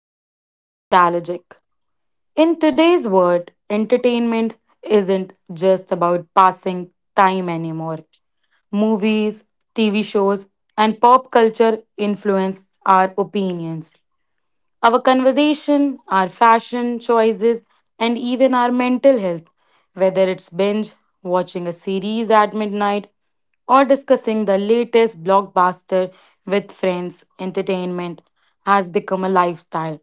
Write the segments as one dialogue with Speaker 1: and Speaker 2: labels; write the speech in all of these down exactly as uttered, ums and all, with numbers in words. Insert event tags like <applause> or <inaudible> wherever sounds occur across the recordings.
Speaker 1: little nostalgic. In today's world, entertainment isn't just about passing time anymore. Movies, T V shows, and pop culture influence our opinions, our conversation, our fashion choices, and even our mental health, whether it's binge, watching a series at midnight, or discussing the latest blockbuster with friends, entertainment has become a lifestyle.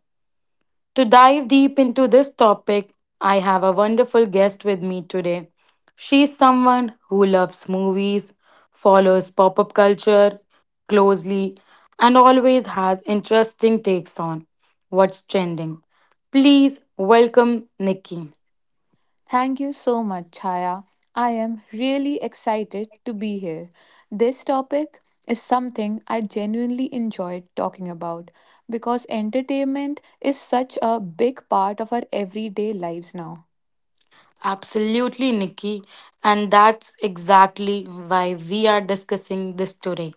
Speaker 1: To dive deep into this topic, I have a wonderful guest with me today. She's someone who loves movies, follows pop up culture closely, and always has interesting takes on what's trending. Please welcome Nikki.
Speaker 2: Thank you so much, Chaya. I am really excited to be here. This topic is something I genuinely enjoyed talking about because entertainment is such a big part of our everyday lives now.
Speaker 1: Absolutely, Nikki. And that's exactly why we are discussing this today.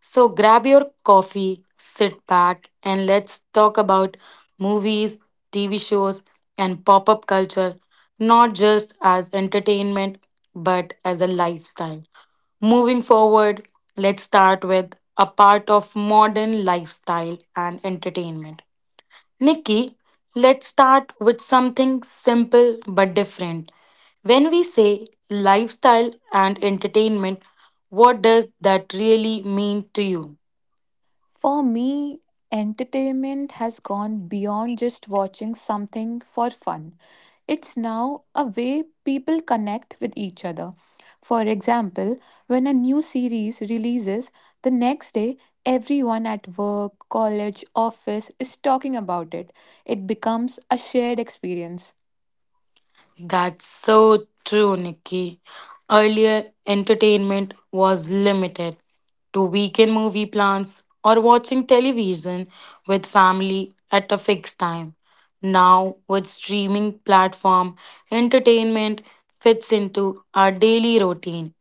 Speaker 1: So grab your coffee, sit back, and let's talk about movies, T V shows, and pop up culture, not just as entertainment, but as a lifestyle. Moving forward, let's start with a part of modern lifestyle and entertainment. Nikki, let's start with something simple but different. When we say lifestyle and entertainment, what does that really mean to you?
Speaker 2: For me, entertainment has gone beyond just watching something for fun. It's now a way people connect with each other. For example, when a new series releases, the next day everyone at work, college, office is talking about it. It becomes a shared experience.
Speaker 1: That's so true, Nikki. Earlier, entertainment was limited to weekend movie plans or watching television with family at a fixed time. Now, with streaming platform, entertainment fits into our daily routine,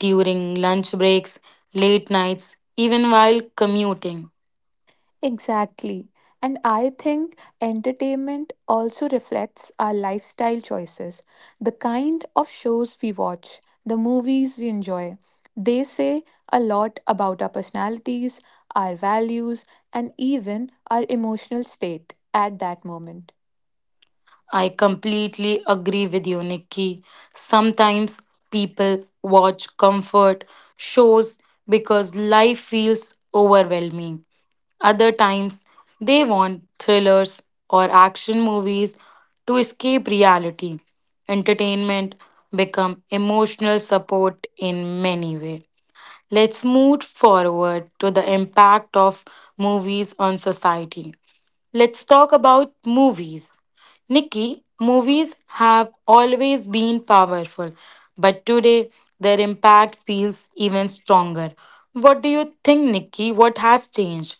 Speaker 1: during lunch breaks, late nights, even while commuting.
Speaker 2: Exactly. And I think entertainment also reflects our lifestyle choices, the kind of shows we watch, the movies we enjoy. They say a lot about our personalities, our values, and even our emotional state at that moment.
Speaker 1: I completely agree with you, Nikki. Sometimes people watch comfort shows because life feels overwhelming. Other times they want thrillers or action movies to escape reality. Entertainment become emotional support in many ways. Let's move forward to the impact of movies on society. Let's talk about movies. Nikki, movies have always been powerful, but today their impact feels even stronger. What do you think, Nikki? What has changed?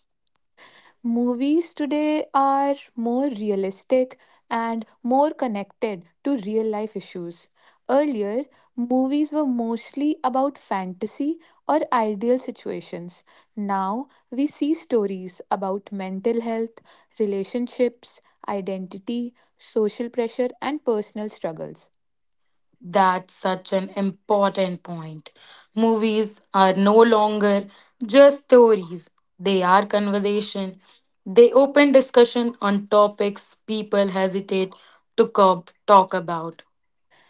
Speaker 2: Movies today are more realistic and more connected to real life issues. Earlier, movies were mostly about fantasy or ideal situations. Now, we see stories about mental health, relationships, identity, social pressure, and personal struggles.
Speaker 1: That's such an important point. Movies are no longer just stories, they are conversation. They open discussion on topics people hesitate to co- talk about.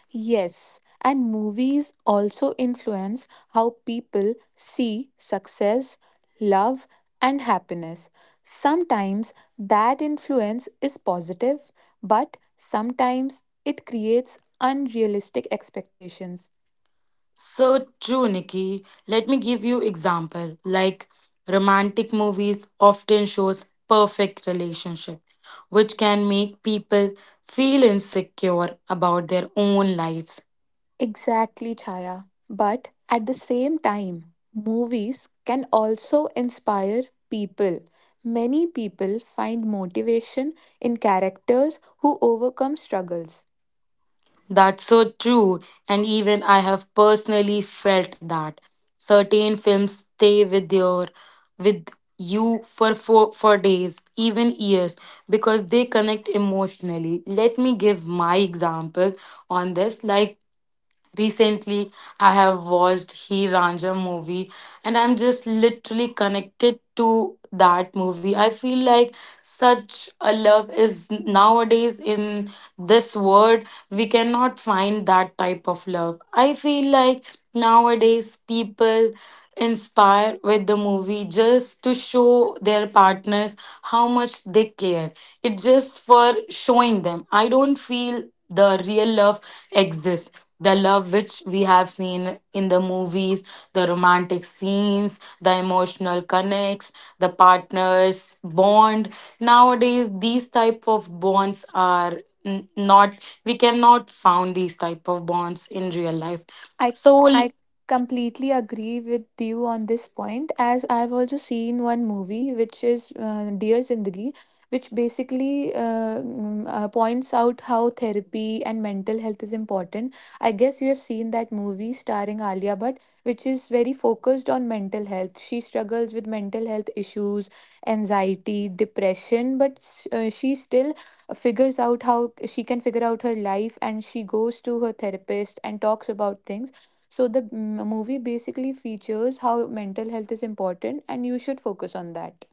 Speaker 2: Yes, and movies also influence how people see success, love, and happiness. Sometimes that influence is positive, but sometimes it creates unrealistic expectations.
Speaker 1: So true, Nikki. Let me give you example. Like, romantic movies often shows perfect relationship, which can make people feel insecure about their own lives.
Speaker 2: Exactly, Chaya. But at the same time, movies can also inspire people. Many people find motivation in characters who overcome struggles.
Speaker 1: That's so true, and even I have personally felt that certain films stay with your with you for for, for days, even years, because they connect emotionally. Let me give my example on this. Like, recently I have watched he ranja movie, and I'm just literally connected to that movie. I feel like such a love is nowadays in this world, we cannot find that type of love. I feel like nowadays people inspired with the movie just to show their partners how much they care. It's just for showing them. I don't feel the real love exists. The love which we have seen in the movies, the romantic scenes, the emotional connects, the partners bond. Nowadays, these type of bonds are n- not. We cannot found these type of bonds in real life.
Speaker 2: I
Speaker 1: So
Speaker 2: I
Speaker 1: l-
Speaker 2: completely agree with you on this point, as I've also seen one movie, which is uh, Dear Zindagi, which basically uh, mm, uh, points out how therapy and mental health is important. I guess you have seen that movie starring Alia Bhatt, which is very focused on mental health. She struggles with mental health issues, anxiety, depression, but s- uh, she still figures out how she can figure out her life, and she goes to her therapist and talks about things. So the m- movie basically features how mental health is important and you should focus on that.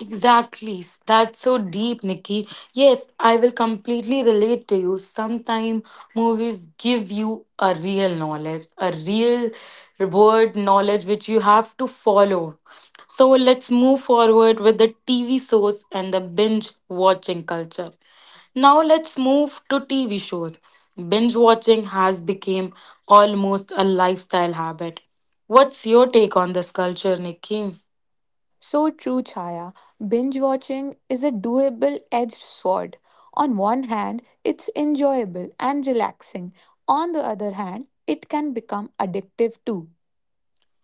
Speaker 1: Exactly. S- That's so deep, Nikki. Yes, I will completely relate to you. Sometimes movies give you a real knowledge, a real world knowledge which you have to follow. So let's move forward with the T V shows and the binge watching culture. Now let's move to T V shows. Binge watching has become almost a lifestyle habit. What's your take on this culture, Nikki?
Speaker 2: So true, Chaya. Binge watching is a doable edged sword. On one hand, it's enjoyable and relaxing. On the other hand, it can become addictive too.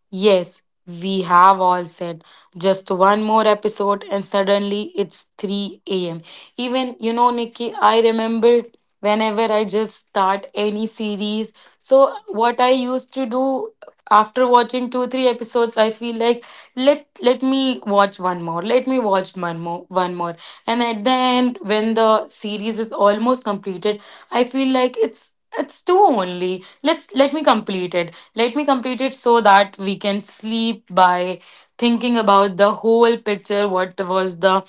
Speaker 1: Yes, we have all said just one more episode, and suddenly it's three a m. Even, you know, Nikki, I remember whenever I just start any series. So, what I used to do after watching two, three episodes, I feel like let let me watch one more. Let me watch one more one more. And at the end, when the series is almost completed, I feel like it's it's two only. Let's let me complete it. Let me complete it so that we can sleep by thinking about the whole picture, what was the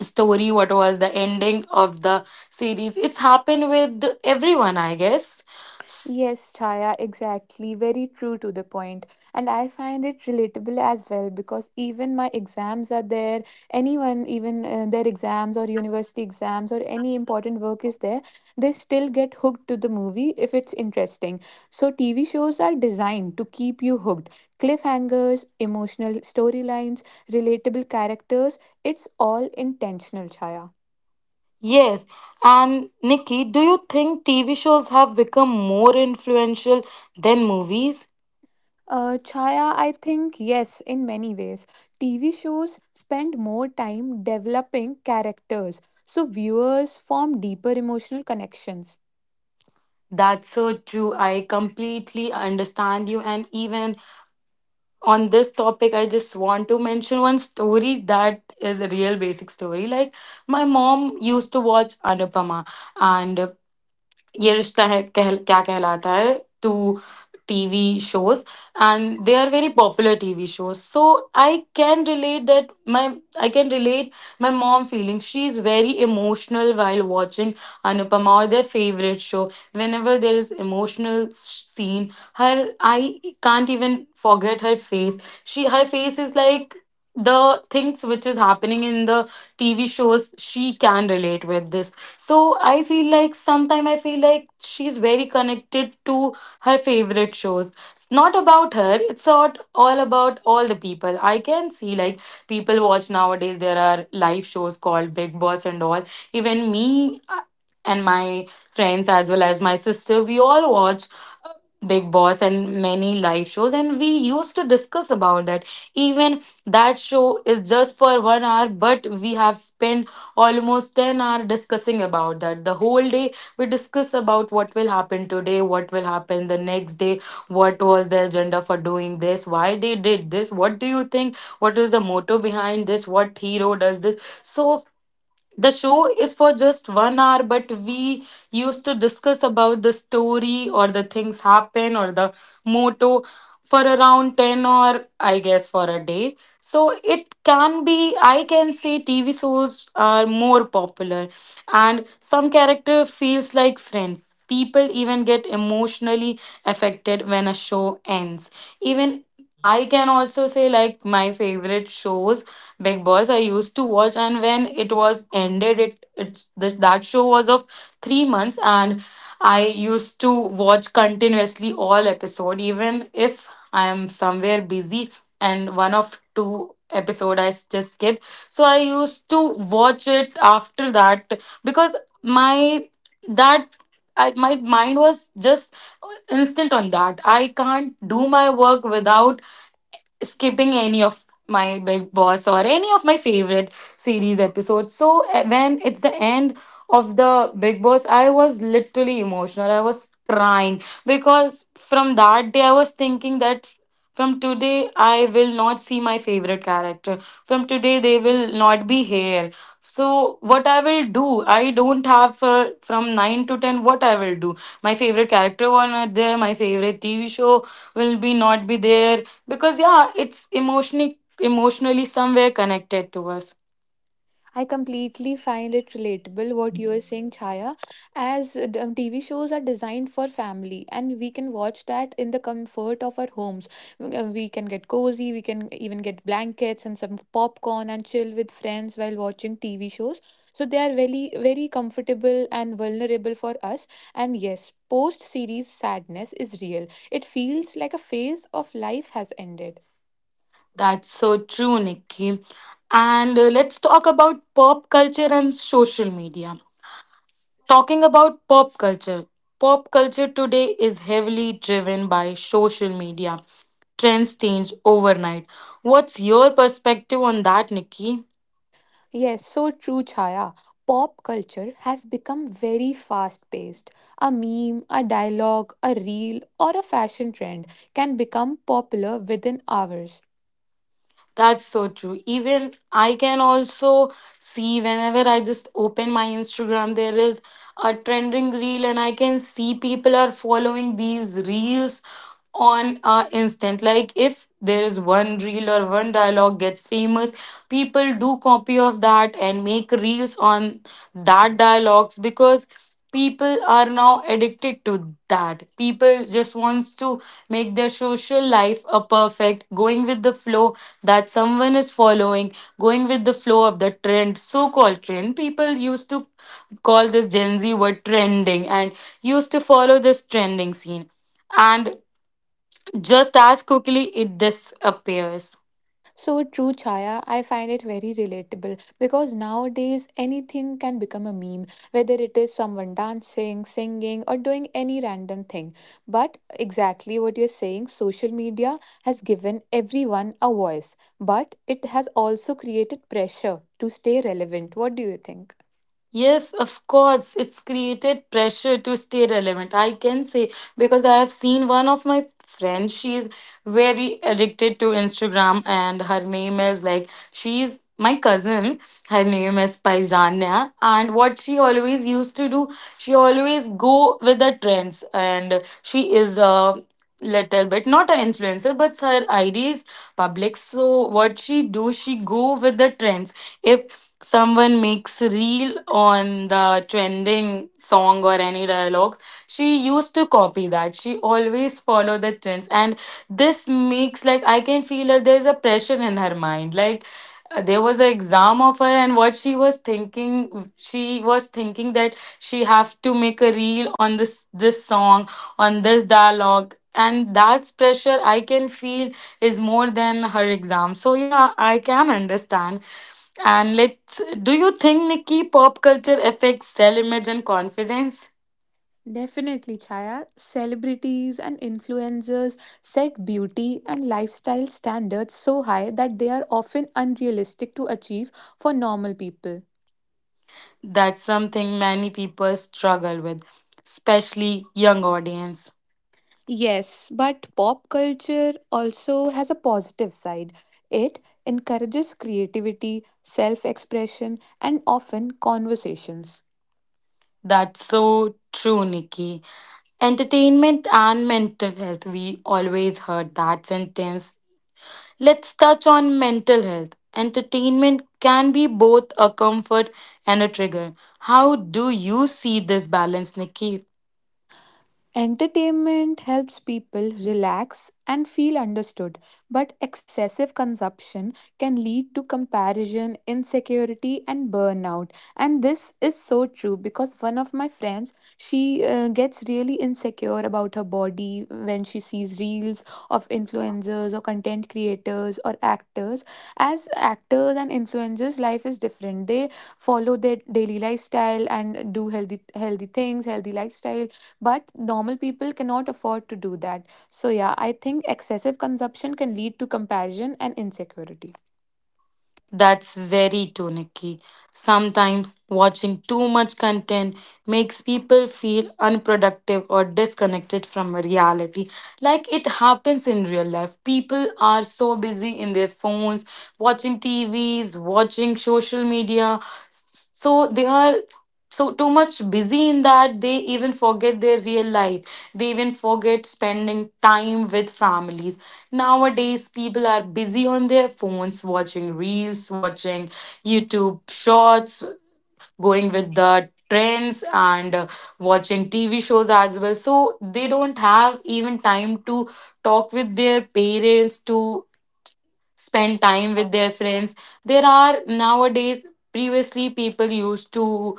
Speaker 1: story, what was the ending of the series. It's happened with everyone, I guess. S-
Speaker 2: Yes, Chaya, exactly. Very true to the point. And I find it relatable as well because even my exams are there, anyone, even uh, their exams or university exams or any important work is there, they still get hooked to the movie if it's interesting. So, T V shows are designed to keep you hooked. Cliffhangers, emotional storylines, relatable characters, it's all intentional, Chaya.
Speaker 1: Yes. And Nikki, do you think T V shows have become more influential than movies?
Speaker 2: Uh, Chaya, I think yes, in many ways. T V shows spend more time developing characters, so viewers form deeper emotional connections.
Speaker 1: That's so true. I completely understand you, and even on this topic I just want to mention one story that is a real basic story. Like, my mom used to watch Anupama and ये रिश्ता है कह, क्या कहलाता है two TV shows, and they are very popular TV shows, so I can relate that my I can relate my mom feeling. She's very emotional while watching Anupama or their favorite show. Whenever there is emotional scene, her I can't even forget her face. She her face is like the things which is happening in the TV shows, she can relate with this. So I feel like sometime I feel like she's very connected to her favorite shows. It's not about her, it's not all about all the people. I can see like people watch nowadays, there are live shows called Big Boss and all. Even me uh, and my friends, as well as my sister, we all watch uh, Big Boss and many live shows, and we used to discuss about that. Even that show is just for one hour, but we have spent almost ten hour discussing about that. The whole day we discuss about what will happen today, what will happen the next day, what was the agenda for doing this, why they did this, what do you think, what is the motto behind this, what hero does this. So the show is for just one hour, but we used to discuss about the story or the things happen or the motto for around ten or, I guess, for a day. So it can be, I can say TV shows are more popular, and some character feels like friends, people even get emotionally affected when a show ends. Even I can also say like my favorite shows Big Boss I used to watch, and when it was ended, it it's th- that show was of three months, and I used to watch continuously all episode, even if I am somewhere busy and one of two episode I s- just skip. So I used to watch it after that because my that. I, my mind was just instant on that. I can't do my work without skipping any of my big boss or any of my favorite series episodes. So eh, when it's the end of the big boss, I was literally emotional, I was crying, because from that day I was thinking that from today I will not see my favorite character, from today they will not be here. So what I will do, I don't have, for from nine to ten what I will do, my favorite character were not there, my favorite TV show will be not be there. Because yeah, it's emotionally emotionally somewhere connected to us.
Speaker 2: I completely find it relatable what you are saying, Chaya, as uh, d- um, T V shows are designed for family and we can watch that in the comfort of our homes. Mm, uh, We can get cozy, we can even get blankets and some popcorn and chill with friends while watching T V shows. So they are very, very comfortable and vulnerable for us. And yes, post series sadness is real. It feels like a phase of life has ended.
Speaker 1: That's so true, Nikki, and uh, let's talk about pop culture and social media. Talking about pop culture, pop culture today is heavily driven by social media, trends change overnight. What's your perspective on that, Nikki?
Speaker 2: Yes, so true, Chaya. Pop culture has become very fast paced. A meme, a dialogue, a reel, or a fashion trend can become popular within hours.
Speaker 1: That's so true. Even I can also see whenever I just open my Instagram, there is a trending reel, and I can see people are following these reels on a instant. Like, if there is one reel or one dialogue gets famous, people do copy of that and make reels on that dialogues, because people are now addicted to that. People just wants to make their social life a perfect, going with the flow that someone is following, going with the flow of the trend, so called trend. People used to call this gen z word trending and used to follow this trending scene, and just as quickly it disappears.
Speaker 2: So true, Chaya. I find it very relatable because nowadays anything can become a meme, whether it is someone dancing, singing, or doing any random thing. But exactly what you're saying, social media has given everyone a voice, but it has also created pressure to stay relevant. What do you think?
Speaker 1: Yes, of course. It's created pressure to stay relevant, I can say, because I have seen one of my friends, she's very addicted to Instagram, and her name is like, she's my cousin. Her name is Paijania. And what she always used to do, she always go with the trends, and she is a little bit not an influencer, but her I D is public. So what she do, she go with the trends. If someone makes reel on the trending song or any dialogue, she used to copy that, she always follow the trends, and this makes like, I can feel that there's a pressure in her mind. Like, uh, there was an exam of her, and what she was thinking, she was thinking that she have to make a reel on this this song, on this dialogue, and that's pressure I can feel is more than her exam. So yeah, I can understand. And let's, do you think, Nikki, pop culture affects self-image and confidence?
Speaker 2: Definitely, Chaya. Celebrities and influencers set beauty and lifestyle standards so high that they are often unrealistic to achieve for normal people.
Speaker 1: That's something many people struggle with, especially young audience.
Speaker 2: Yes, but pop culture also has a positive side. It encourages creativity, self expression, and often conversations.
Speaker 1: That's so true, Nikki. Entertainment and mental health, we always heard that sentence. Let's touch on mental health. Entertainment can be both a comfort and a trigger. How do you see this balance, Nikki?
Speaker 2: Entertainment helps people relax and feel understood, but excessive consumption can lead to comparison, insecurity, and burnout. And this is so true because one of my friends, she uh, gets really insecure about her body when she sees reels of influencers or content creators or actors. As actors and influencers, life is different. They follow their daily lifestyle and do healthy healthy things, healthy lifestyle, but normal people cannot afford to do that. So yeah, I think excessive consumption can lead to comparison and insecurity.
Speaker 1: That's very true, Nikki. Sometimes watching too much content makes people feel unproductive or disconnected from reality. Like it happens in real life. People are so busy in their phones, watching T Vs, watching social media. S- So they are so too much busy in that they even forget their real life. They even forget spending time with families. Nowadays, people are busy on their phones, watching reels, watching YouTube shorts, going with the trends, and uh, watching T V shows as well. So they don't have even time to talk with their parents, to spend time with their friends. There are nowadays, previously, people used to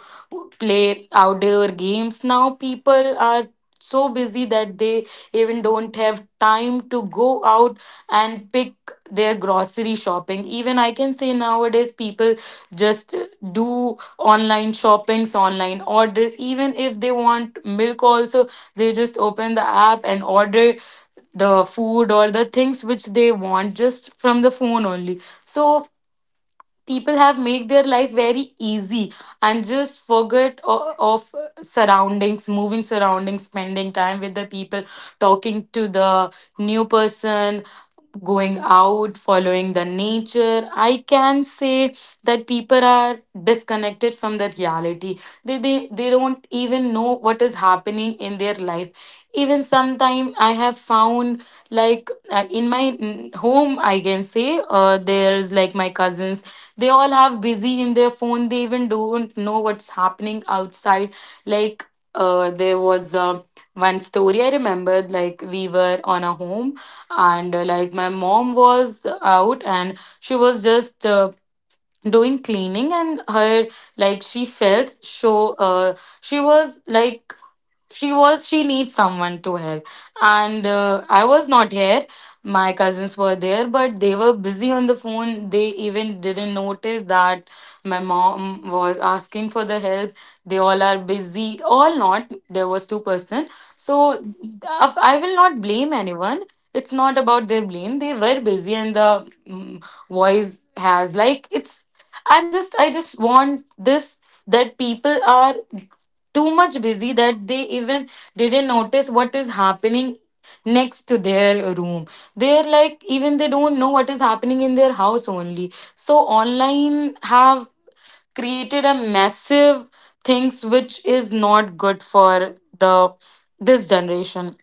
Speaker 1: play outdoor games. Now, people are so busy that they even don't have time to go out and pick their grocery shopping. Even I can say nowadays people just do online shoppings, online orders. Even if they want milk also, they just open the app and order the food or the things which they want just from the phone only. So people have made their life very easy and just forget o- of surroundings, moving surroundings, spending time with the people, talking to the new person, going out, following the nature. I can say that people are disconnected from the reality. They, they, they don't even know what is happening in their life. Even sometime I have found like uh, in my mm, home, I can say, uh, there's like my cousins. They all have busy in their phone. They even don't know what's happening outside. Like uh, there was a one story I remembered. Like we were on a home and uh, like my mom was out and she was just uh, doing cleaning and her, like she felt so uh she was like she was she needs someone to help, and uh, I was not here. My cousins were there but they were busy on the phone. They even didn't notice that my mom was asking for the help. They all are busy, all not, there was two person. So i I will not blame anyone. It's not about their blame. They were busy and the mm, voice has, like it's, I'm just I just want this, that people are too much busy that they even didn't notice what is happening next to their room. They're like even they don't know what is happening in their house only. So online have created a massive things which is not good for the this generation.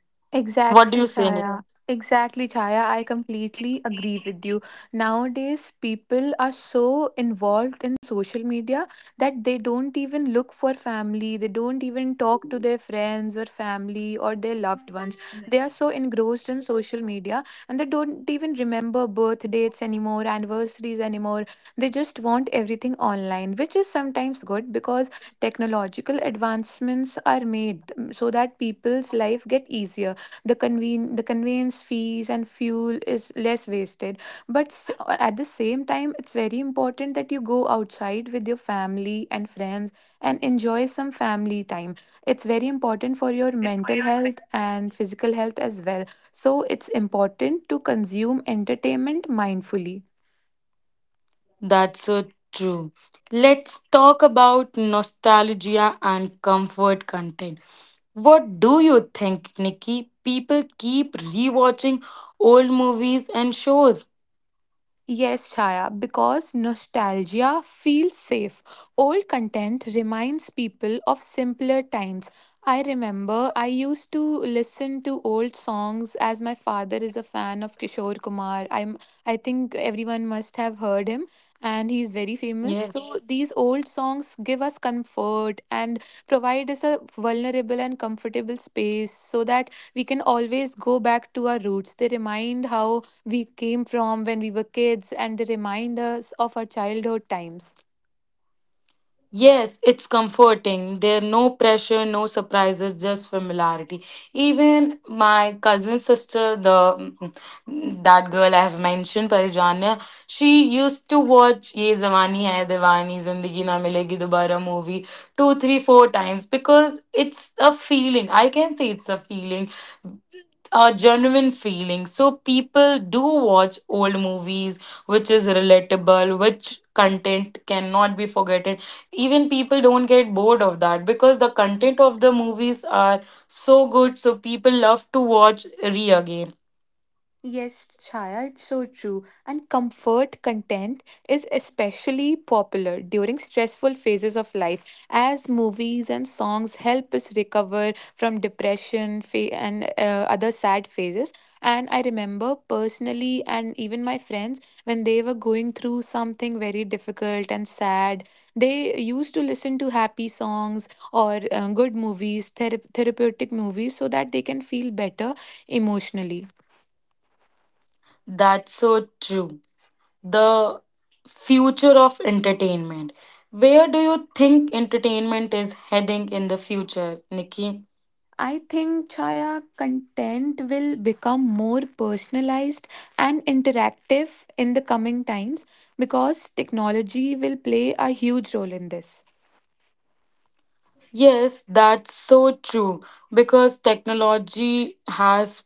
Speaker 1: What do
Speaker 2: Exactly,
Speaker 1: you say,
Speaker 2: Chaya. Exactly, Chaya. I completely agree with you. Nowadays, people are so involved in social media that they don't even look for family. They don't even talk to their friends or family or their loved ones. They are so engrossed in social media, and they don't even remember birth dates anymore, anniversaries anymore. They just want everything online, which is sometimes good because technological advancements are made, mm, so that people's life get easier, the conven- the conveyance fees and fuel is less wasted, but s- at the same time it's very important that you go outside with your family and friends and enjoy some family time. It's very important for your
Speaker 1: nick?
Speaker 2: mental health and physical health as well. So it's important to consume entertainment mindfully.
Speaker 1: That's so true. Let's talk about nostalgia and comfort content. What do you think, Nikki? People keep rewatching old movies and shows.
Speaker 2: Yes, Chaya, because nostalgia feels safe. Old content reminds people of simpler times. I remember I used to listen to old songs as my father is a fan of Kishore Kumar. I'm I think everyone must have heard him and he's very famous.
Speaker 1: Yes.
Speaker 2: So yes, these old songs give us comfort and provide us a vulnerable and comfortable space so that we can always go back to our roots. They remind how we came from when we were kids, and they remind us of our childhood times.
Speaker 1: Yes, it's comforting. There no pressure, no surprises, just familiarity. Even my cousin sister, the mm, that girl I have mentioned, Parijanya, she used to watch Ye Zawani Hai Diwani, Zindagi Na Milegi Dobara movie two, three, four times because it's a feeling. I can say it's a feeling, a genuine feeling. So people do watch old movies, which is relatable, which content cannot be forgotten. Even people don't get bored of that because the content of the movies are so good, so people love to watch re again.
Speaker 2: Yes, Chaya, it's so true. And comfort content is especially popular during stressful phases of life, as movies and songs help us recover from depression fa- and uh, other sad phases. And I remember personally, and even my friends, when they were going through something very difficult and sad, they used to listen to happy songs or uh, good movies, thera- therapeutic movies, so that they can feel better emotionally.
Speaker 1: That's so true. The future of entertainment. Where do you think entertainment is heading in the future, nikki?
Speaker 2: I think, Chaya, content will become more personalized and interactive in the coming times because technology will play a huge role in this.
Speaker 1: Yes, that's so true, because technology has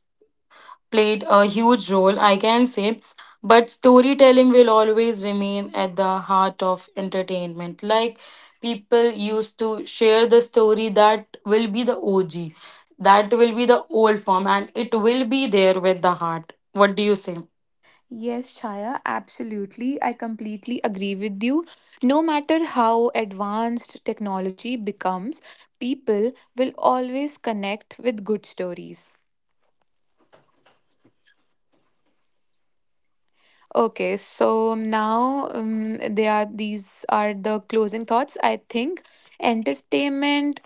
Speaker 1: played a huge role, I can say. But storytelling will always remain at the heart of entertainment. Like people used to share the story, that will be the O G, that will be the old form, and it will be there with the heart. What do you say?
Speaker 2: Yes, Chaya, absolutely. I completely agree with you. No matter how advanced technology becomes, people will always connect with good stories. Okay, so now um, they are these are the closing thoughts. I think entertainment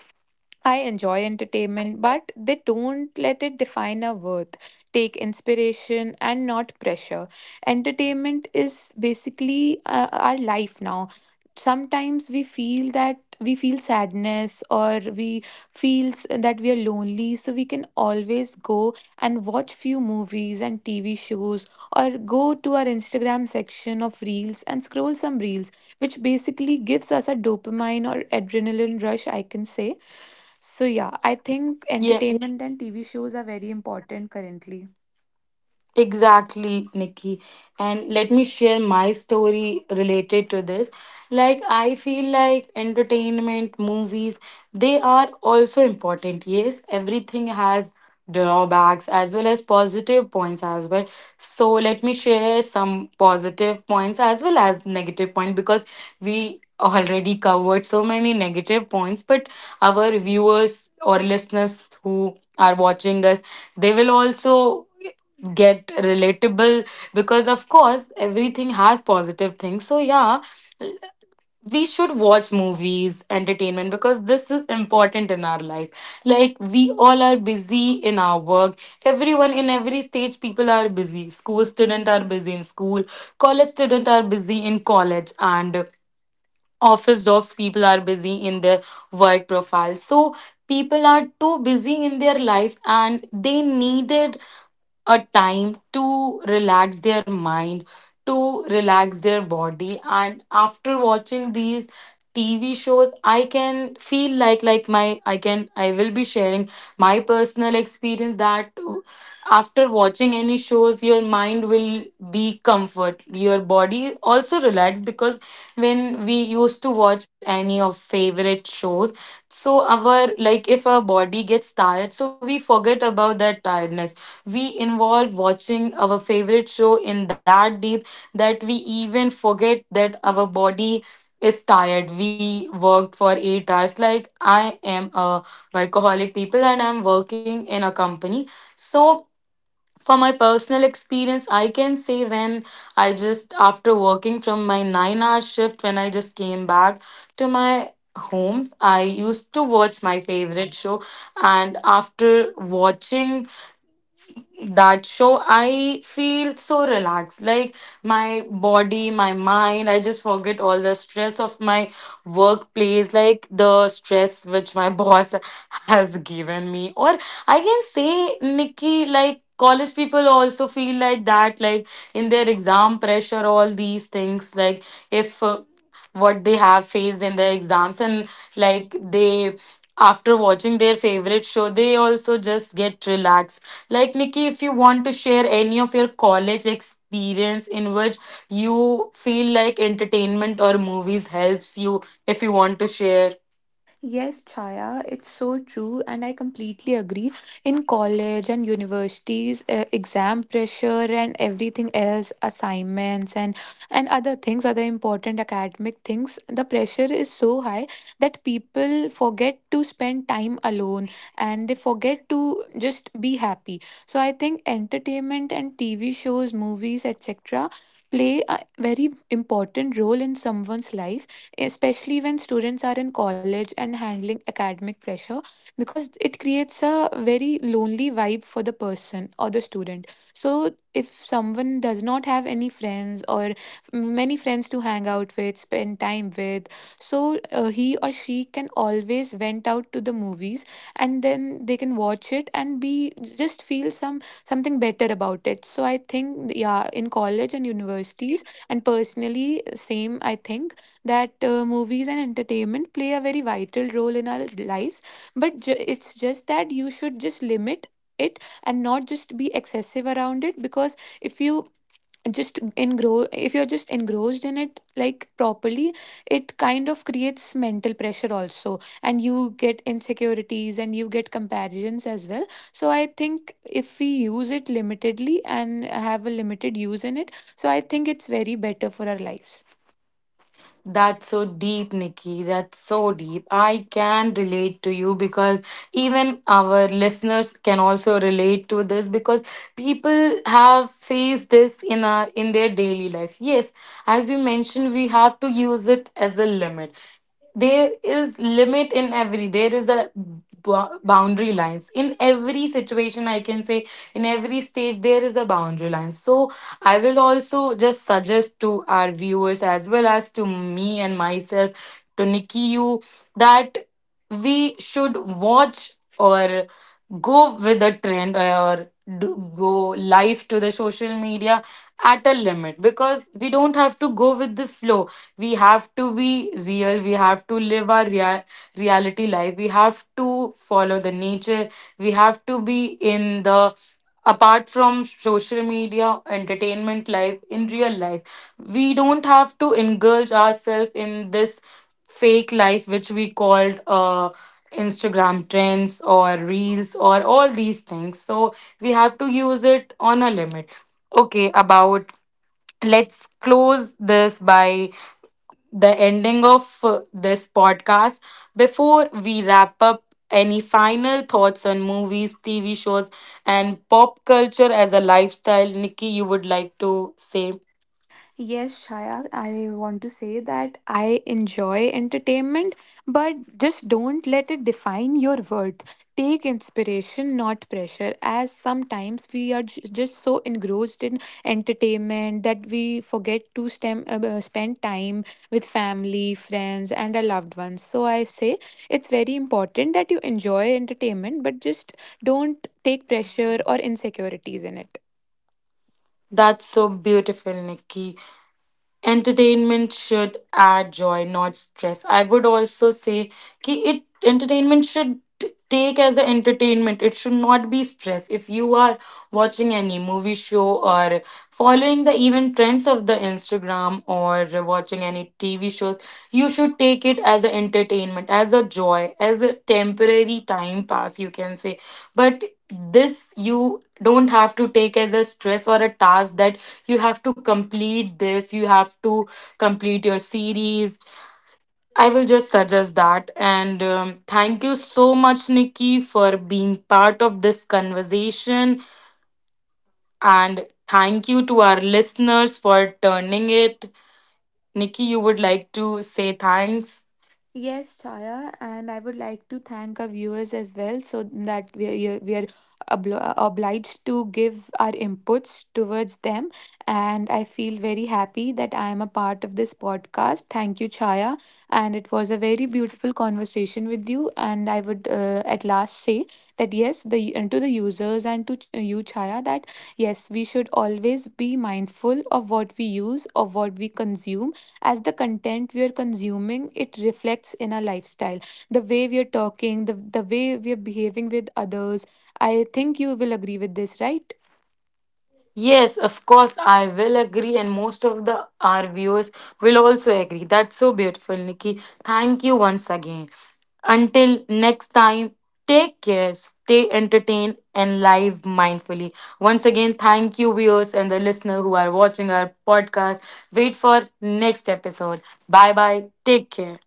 Speaker 2: I enjoy entertainment, but they don't let it define our worth, take inspiration, and not pressure. Entertainment is basically uh, our life now. Sometimes we feel that we feel sadness or we feel s- that we are lonely, so we can always go and watch few movies and T V shows, or go to our Instagram section of reels and scroll some reels, which basically gives us a dopamine or adrenaline rush, I can say. So yeah, I think entertainment and T V shows are very important currently.
Speaker 1: Exactly, Nikki. And let me share my story related to this. Like, I feel like entertainment, movies, they are also important. Yes, everything has drawbacks as well as positive points as well. So, let me share some positive points as well as negative point, because we already covered so many negative points, but our viewers or listeners who are watching us, they will also get relatable, because of course everything has positive things. So yeah, we should watch movies, entertainment, because this is important in our life. Like we all are busy in our work. Everyone in every stage people are busy. School students are busy in school, college students are busy in college, and office jobs people are busy in their work profile. So people are too busy in their life and they needed a time to relax their mind, to relax their body. And after watching these T V shows, I can feel like, like my, I can, I will be sharing my personal experience, that after watching any shows, your mind will be comfort. Your body also relax, because when we used to watch any of favorite shows, so our, like if our body gets tired, so we forget about that tiredness. We involve watching our favorite show in that deep that we even forget that our body is tired. We worked for eight hours. Like I am a workaholic people and I'm working in a company. So for my personal experience, I can say, when I just after working from my nine hour shift, when I just came back to my home, I used to watch my favorite show, and after watching that show, I feel so relaxed. Like my body, my mind, I just forget all the stress of my workplace, like the stress which my <laughs> boss has given me. Or I can say nikki, like college people also feel like that, like in their exam pressure, all these things, like if uh, what they have faced in their exams, and like they, after watching their favorite show, they also just get relaxed. Like Nikki, if you want to share any of your college experience in which you feel like entertainment or movies helps you, if you want to share.
Speaker 2: Yes, Chaya, it's so true, and I completely agree. In college and universities, uh, exam pressure and everything else, assignments and and other things, other important academic things, the pressure is so high that people forget to spend time alone, and they forget to just be happy. So I think entertainment and T V shows, movies, et cetera, play a very important role in someone's life, especially when students are in college and handling academic pressure, because it creates a very lonely vibe for the person or the student. So, if someone does not have any friends or many friends to hang out with, spend time with, so uh, he or she can always went out to the movies, and then they can watch it and be just feel some something better about it. So I think yeah, in college and universities, and personally same, I think that uh, movies and entertainment play a very vital role in our lives, but ju- it's just that you should just limit it, and not just be excessive around it, because if you just engro, if you're just engrossed in it like properly, it kind of creates mental pressure also, and you get insecurities and you get comparisons as well. So I think if we use it limitedly and have a limited use in it, so I think it's very better for our lives.
Speaker 1: That's so deep, Nikki. That's so deep. I can relate to you because even our listeners can also relate to this because people have faced this in our, in their daily life. Yes, as you mentioned, we have to use it as a limit. There is limit in every, there is a bou- boundary lines in every situation, I can say. In every stage there is a boundary line. So I will also just suggest to our viewers as well as to me and myself, to nikki, you, that we should watch, or go with the trend, or do, go live to the social media at a limit, because we don't have to go with the flow. We have to be real. We have to live our rea- reality life. We have to follow the nature. We have to be in the, apart from social media entertainment life, in real life. We don't have to engulf ourselves in this fake life which we called uh Instagram trends or reels or all these things. So we have to use it on a limit. Okay, about let's close this by the ending of uh, this podcast. Before we wrap up, any final thoughts on movies, T V shows, and pop culture as a lifestyle, Nikki, you would like to say?
Speaker 2: Yes, Shaya, I want to say that I enjoy entertainment, but just don't let it define your worth. Take inspiration, not pressure, as sometimes we are j- just so engrossed in entertainment that we forget to stem, uh, uh, spend time with family, friends, and our loved ones. So I say it's very important that you enjoy entertainment, but just don't take pressure or insecurities in it.
Speaker 1: That's so beautiful, Nikki. Entertainment should add joy, not stress. I would also say ki it, entertainment should t- take as an entertainment, it should not be stress. If you are watching any movie, show, or following the even trends of the instagram, or watching any tv shows, you should take it as an entertainment, as a joy, as a temporary time pass, you can say. But this you don't have to take as a stress or a task, that you have to complete this, you have to complete your series. I will just suggest that. And um, thank you so much nikki for being part of this conversation, and thank you to our listeners for turning it. Nikki, you would like to say thanks?
Speaker 2: Yes, Chaya, and I would like to thank our viewers as well, so that we are, we are obli- obliged to give our inputs towards them. And I feel very happy that I am a part of this podcast. Thank you, Chaya. And it was a very beautiful conversation with you. And I would uh, at last say that yes, the and to the users and to ch- you, Chaya, that yes, we should always be mindful of what we use, of what we consume, as the content we are consuming, it reflects in our lifestyle, the way we are talking, the, the way we are behaving with others. I think you will agree with this, right?
Speaker 1: Yes, of course, I will agree, and most of the our viewers will also agree. That's so beautiful, Nikki. Thank you once again. Until next time, take care, stay entertained, and live mindfully. Once again, thank you, viewers and the listener who are watching our podcast. Wait for next episode. Bye bye. Take care.